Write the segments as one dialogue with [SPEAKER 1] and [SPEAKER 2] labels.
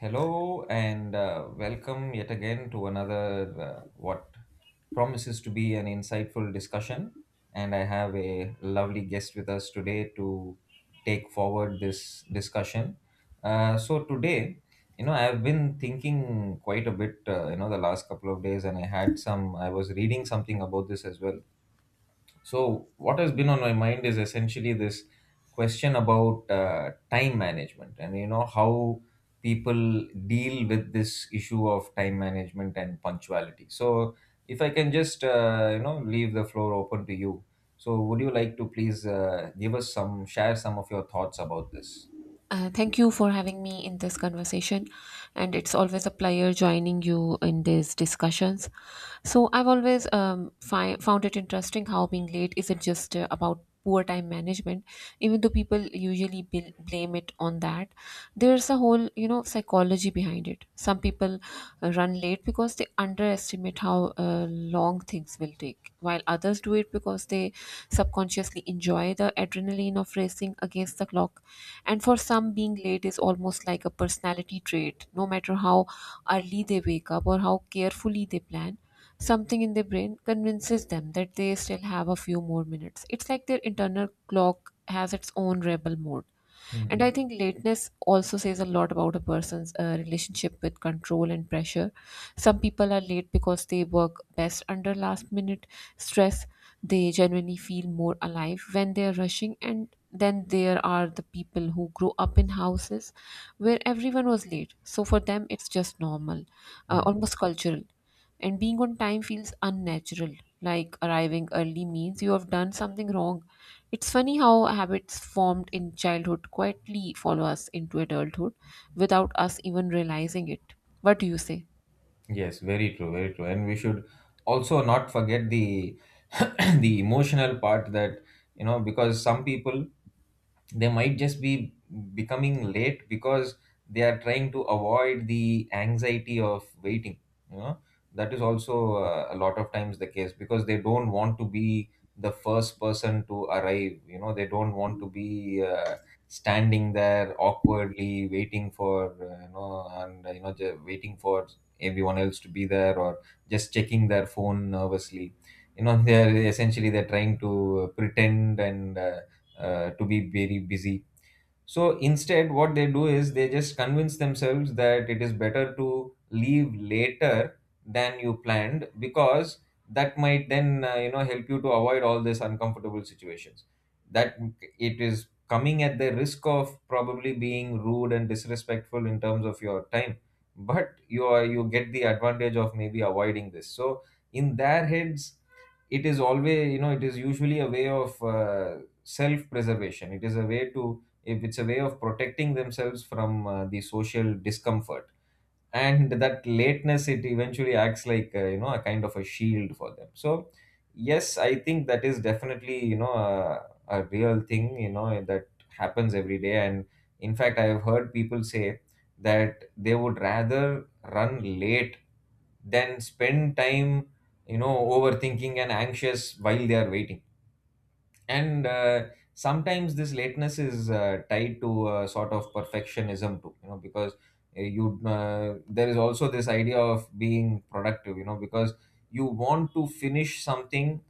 [SPEAKER 1] Hello and welcome yet again to another what promises to be an insightful discussion. And I have a lovely guest with us today to take forward this discussion. So today, you know, I've been thinking quite a bit, you know, the last couple of days, and I had some. I was reading something about this as well, so what has been on my mind is essentially this question about time management and, you know, how people deal with this issue of time management and punctuality. So, if I can just you know, leave the floor open to you. So, would you like to please give us some, share some of your thoughts about this?
[SPEAKER 2] Thank you for having me in this conversation, and it's always a pleasure joining you in these discussions. So, I've always found it interesting how being late isn't just about poor time management, even though people usually blame it on that. There's a whole, you know, psychology behind it. Some people run late because they underestimate how long things will take, while others do it because they subconsciously enjoy the adrenaline of racing against the clock, and for some, being late is almost like a personality trait. No matter how early they wake up or how carefully they plan, something in their brain convinces them that they still have a few more minutes. It's like their internal clock has its own rebel mode.
[SPEAKER 1] Hmm.
[SPEAKER 2] And I think lateness also says a lot about a person's relationship with control and pressure. Some people are late because they work best under last minute stress. They genuinely feel more alive when they're rushing. And then there are the people who grow up in houses where everyone was late. So for them, it's just normal,
[SPEAKER 1] Hmm.
[SPEAKER 2] almost cultural. And being on time feels unnatural, like arriving early means you have done something wrong. It's funny how habits formed in childhood quietly follow us into adulthood without us even realizing it. What do you say?
[SPEAKER 1] Yes, very true, very true. And we should also not forget the the emotional part. That, you know, because some people, they might just be becoming late because they are trying to avoid the anxiety of waiting, you know. That is also a lot of times the case because they don't want to be the first person to arrive, you know. They don't want to be standing there awkwardly waiting for you know and you know ju- waiting for everyone else to be there, or just checking their phone nervously, you know. they're essentially they're trying to pretend, and to be very busy. So instead, what they do is they just convince themselves that it is better to leave later than you planned, because that might then, you know, help you to avoid all these uncomfortable situations. That it is coming at the risk of probably being rude and disrespectful in terms of your time, but you get the advantage of maybe avoiding this. So in their heads, it is always, you know, it is usually a way of self preservation. It is a way to if it's a way of protecting themselves from the social discomfort, and that lateness, it eventually acts like, you know, a kind of a shield for them. So yes, I think that is definitely, you know, a real thing, you know, that happens every day. And in fact, I have heard people say that they would rather run late than spend time, you know, overthinking and anxious while they are waiting. And sometimes this lateness is tied to a sort of perfectionism too, you know, because you there is also this idea of being productive, you know, because you want to finish something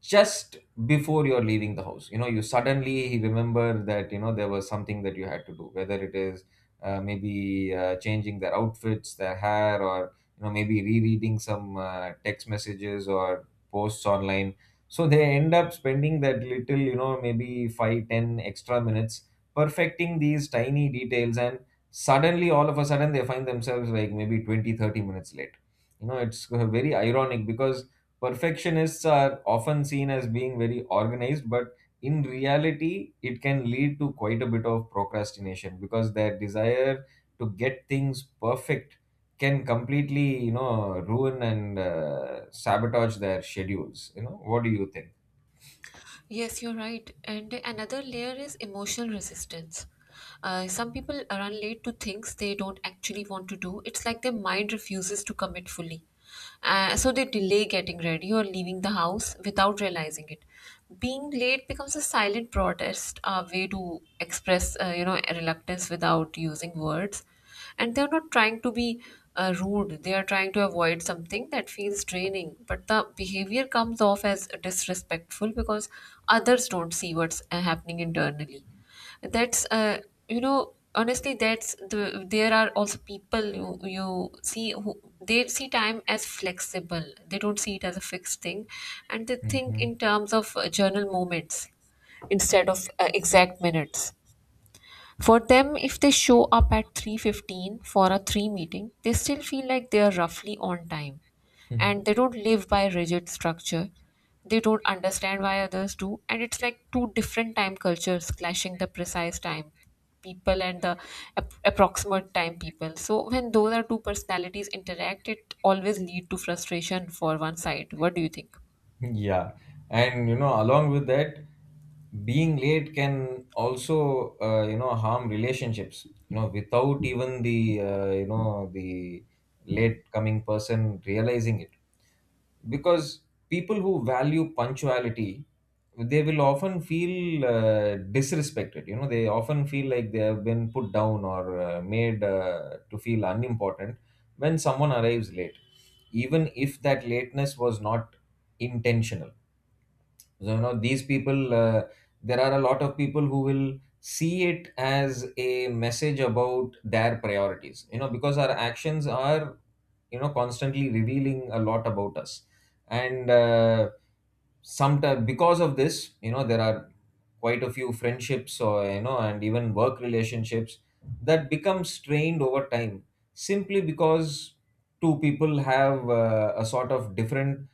[SPEAKER 1] just before you're leaving the house. You know, you suddenly remember that, you know, there was something that you had to do, whether it is maybe changing their outfits, their hair, or, you know, maybe rereading some text messages or posts online. So they end up spending that little, you know, maybe 5-10 extra minutes perfecting these tiny details, and suddenly, all of a sudden, they find themselves like maybe 20-30 minutes late. You know, it's very ironic because perfectionists are often seen as being very organized, but in reality, it can lead to quite a bit of procrastination because their desire to get things perfect can completely, you know, ruin and sabotage their schedules. You know, what do you think?
[SPEAKER 2] Yes, you're right. And another layer is emotional resistance. Some people run late to things they don't actually want to do. It's like their mind refuses to commit fully. So they delay getting ready or leaving the house without realizing it. Being late becomes a silent protest, a way to express, reluctance without using words, and they're not trying to be rude. They are trying to avoid something that feels draining, but the behavior comes off as disrespectful because others don't see what's happening internally. That's you know honestly, that's the there are also people you see who they see time as flexible. They don't see it as a fixed thing, and they think
[SPEAKER 1] Mhm.
[SPEAKER 2] in terms of journal moments instead of exact minutes. For them, if they show up at 3:15 for a 3 meeting, they still feel like they are roughly on time, and they don't live by rigid structure. They don't understand why others do, and it's like two different time cultures clashing: the precise time people and the approximate time people. So when those are two personalities interact, it always lead to frustration for one side. What do you think?
[SPEAKER 1] Yeah, and you know, along with that, being late can also, you know, harm relationships. You know, without even the you know the late coming person realizing it, because people who value punctuality, they will often feel disrespected. You know, they often feel like they have been put down or made to feel unimportant when someone arrives late, even if that lateness was not intentional. So, you know, these people, there are a lot of people who will see it as a message about their priorities, you know, because our actions are, you know, constantly revealing a lot about us. And sometimes because of this, you know, there are quite a few friendships or, you know, and even work relationships that become strained over time, simply because two people have a sort of different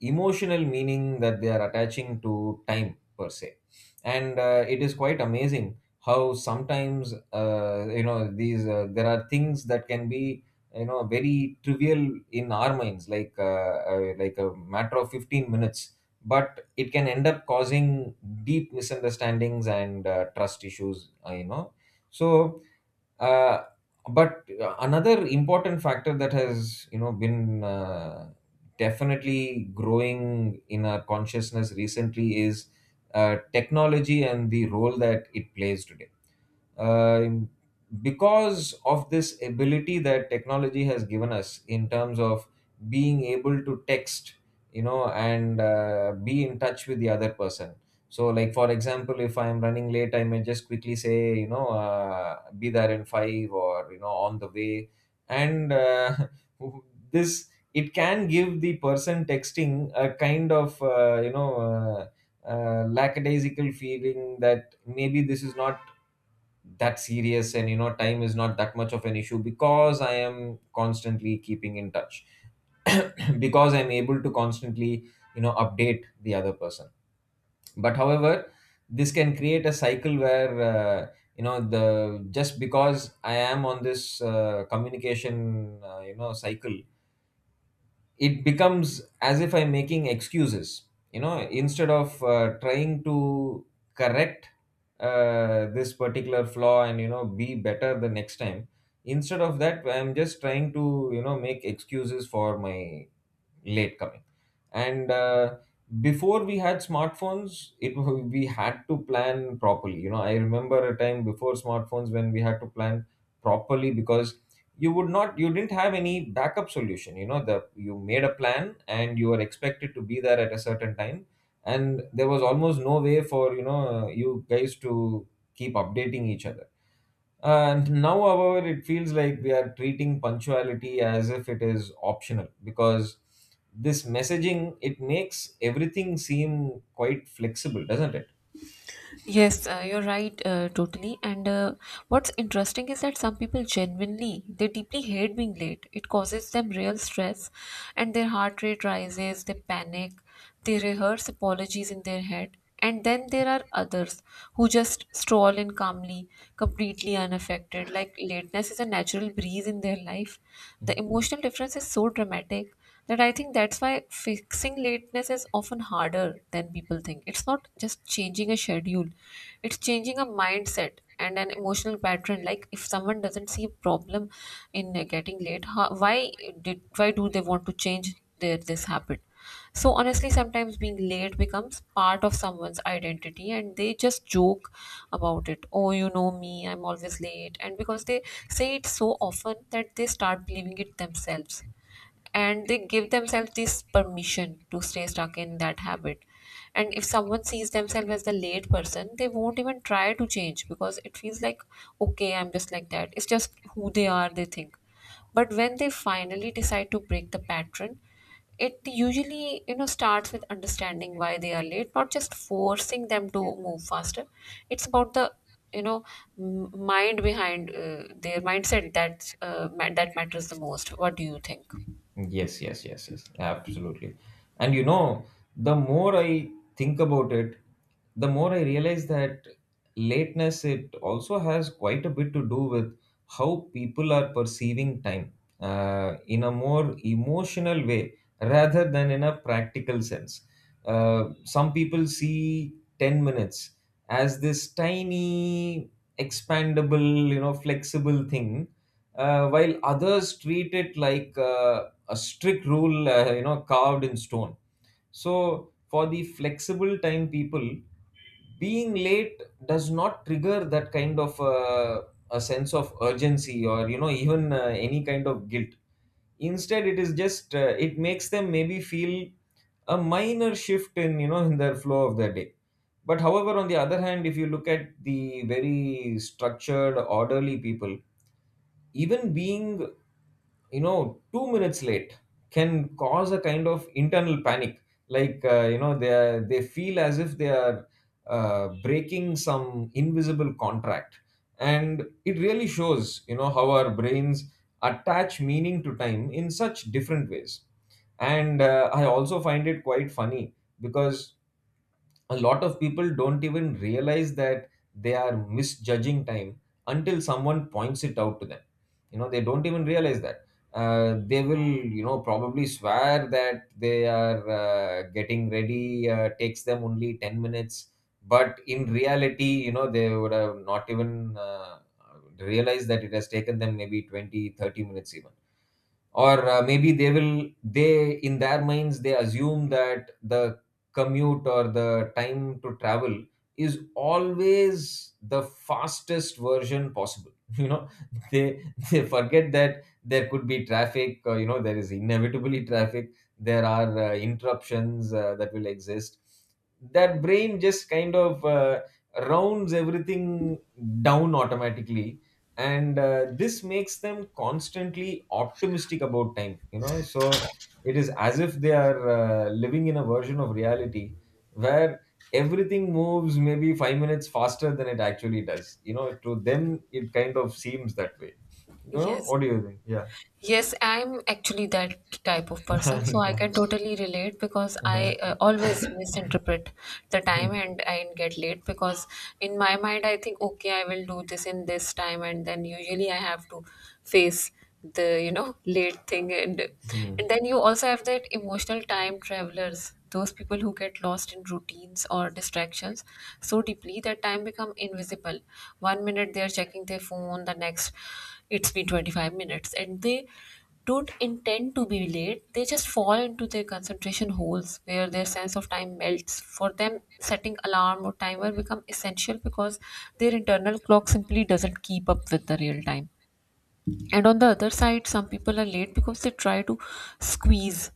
[SPEAKER 1] emotional meaning that they are attaching to time per se. And it is quite amazing how sometimes you know, these there are things that can be, you know, very trivial in our minds, like, like a matter of 15 minutes, but it can end up causing deep misunderstandings and trust issues, you know. So uh, but another important factor that has, you know, been definitely growing in our consciousness recently is technology and the role that it plays today. um because of this ability that technology has given us in terms of being able to text, you know, and be in touch with the other person. So, like, for example, if I'm running late, I may just quickly say, you know, be there in 5, or, you know, on the way. And this it can give the person texting a kind of, lackadaisical feeling that maybe this is not that serious, and you know, time is not that much of an issue because I am constantly keeping in touch. Because I'm able to constantly, you know, update the other person. But however, this can create a cycle where, you know, the just because I am on this communication you know cycle, it becomes as if I'm making excuses, you know, instead of trying to correct this particular flaw and, you know, be better the next time. Instead of that, I'm just trying to, you know, make excuses for my late coming. And before we had smartphones, we had to plan properly. You know, I remember a time before smartphones when we had to plan properly, because you would not you didn't have any backup solution. You know, the you made a plan and you were expected to be there at a certain time. And there was almost no way for, you know, you guys to keep updating each other. And now, however, it feels like we are treating punctuality as if it is optional, because this messaging, it makes everything seem quite flexible, doesn't it?
[SPEAKER 2] Yes, you're right, totally. And what's interesting is that some people genuinely, they deeply hate being late. It causes them real stress, and their heart rate rises, they panic, they rehearse apologies in their head. And then there are others who just stroll in calmly, completely unaffected, like lateness is a natural breeze in their life. The emotional difference is so dramatic that I think that's why fixing lateness is often harder than people think. It's not just changing a schedule, it's changing a mindset and an emotional pattern. Like if someone doesn't see a problem in getting late, how, why did why do they want to change their this habit? So honestly, sometimes being late becomes part of someone's identity, and they just joke about it. Oh, you know me, I'm always late, and because they say it so often that they start believing it themselves and they give themselves this permission to stay stuck in that habit. And if someone sees themselves as the late person, they won't even try to change because it feels like, okay, I'm just like that. It's just who they are, they think. But when they finally decide to break the pattern, it usually you know starts with understanding why they are late, not just forcing them to move faster. It's about the, you know, mind behind their mindset. That's that matters the most. What do you think?
[SPEAKER 1] Yes, yes, yes, yes, absolutely. And you know, the more I think about it, the more I realize that lateness, it also has quite a bit to do with how people are perceiving time, in a more emotional way rather than in a practical sense. Some people see 10 minutes as this tiny, expandable, you know, flexible thing, while others treat it like a strict rule, you know, carved in stone. So, for the flexible time people, being late does not trigger that kind of a sense of urgency, or, you know, even any kind of guilt. Instead, it is just it makes them maybe feel a minor shift in, you know, in their flow of their day. But however, on the other hand, if you look at the very structured orderly people, even being, you know, 2 minutes late can cause a kind of internal panic, like, you know, they feel as if they are breaking some invisible contract. And it really shows, you know, how our brains attach meaning to time in such different ways. And I also find it quite funny because a lot of people don't even realize that they are misjudging time until someone points it out to them. You know, they don't even realize that they will, you know, probably swear that they are getting ready takes them only 10 minutes. But in reality, you know, they would have not even realized that it has taken them maybe 20-30 minutes even. Or maybe they in their minds they assume that the commute or the time to travel is always the fastest version possible. You know, they they forget that there could be traffic, you know, there is inevitably traffic, there are interruptions that will exist. That brain just kind of rounds everything down automatically. And this makes them constantly optimistic about time, you know. So it is as if they are living in a version of reality where everything moves maybe 5 minutes faster than it actually does. You know, to them it kind of seems that way. You know,
[SPEAKER 2] Yes,
[SPEAKER 1] what do you think? Yeah.
[SPEAKER 2] yes, I'm actually that type of person, so I
[SPEAKER 1] Yeah.
[SPEAKER 2] can totally relate because
[SPEAKER 1] Uh-huh.
[SPEAKER 2] I always misinterpret the time
[SPEAKER 1] Hmm.
[SPEAKER 2] and I get late because in my mind I think, okay, I will do this in this time, and then usually I have to face the, you know, late thing. and
[SPEAKER 1] Hmm.
[SPEAKER 2] and then you also have that emotional time travelers, those people who get lost in routines or distractions so deeply that time become invisible. One minute they are checking their phone, the next it's been 25 minutes, and they don't intend to be late. They just fall into their concentration holes where their sense of time melts. For them, setting alarm or timer become essential because their internal clock simply doesn't keep up with the real time. And on the other side, some people are late because they try to squeeze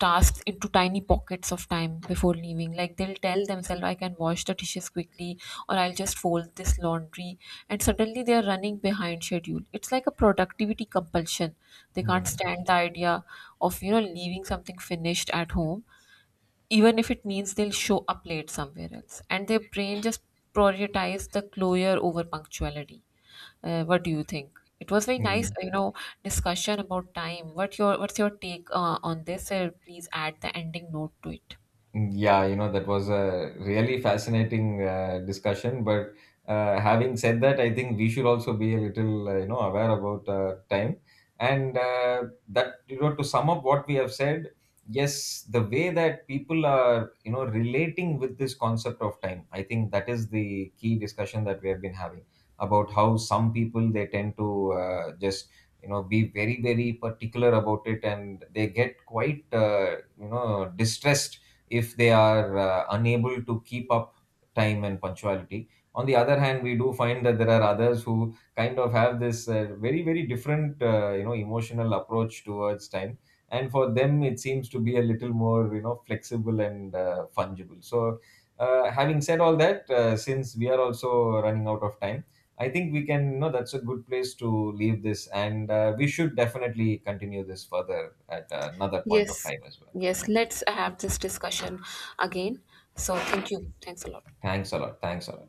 [SPEAKER 2] tasks into tiny pockets of time before leaving. Like they'll tell themselves, I can wash the dishes quickly, or I'll just fold this laundry. And suddenly they are running behind schedule. It's like a productivity compulsion. They can't
[SPEAKER 1] Hmm.
[SPEAKER 2] stand the idea of, you know, leaving something finished at home, even if it means they'll show up late somewhere else. And their brain just prioritized the closure over punctuality. What do you think? It was very nice,
[SPEAKER 1] Hmm.
[SPEAKER 2] you know, discussion about time. What your what's your take on this? Please add the ending note to it.
[SPEAKER 1] Yeah, you know, that was a really fascinating discussion. But having said that, I think we should also be a little, you know, aware about time. And that, you know, to sum up what we have said, yes, the way that people are, you know, relating with this concept of time, I think that is the key discussion that we have been having about how some people, they tend to just, you know, be very, very particular about it, and they get quite, you know, distressed if they are unable to keep up time and punctuality. On the other hand, we do find that there are others who kind of have this very, very different, you know, emotional approach towards time. And for them, it seems to be a little more, you know, flexible and fungible. So, having said all that, since we are also running out of time, I think we can, you know, that's a good place to leave this. And we should definitely continue this further at another point of
[SPEAKER 2] Yes,
[SPEAKER 1] time as well.
[SPEAKER 2] yes, let's have this discussion again. So, thank you. Thanks a lot.
[SPEAKER 1] Thanks a lot. Thanks a lot.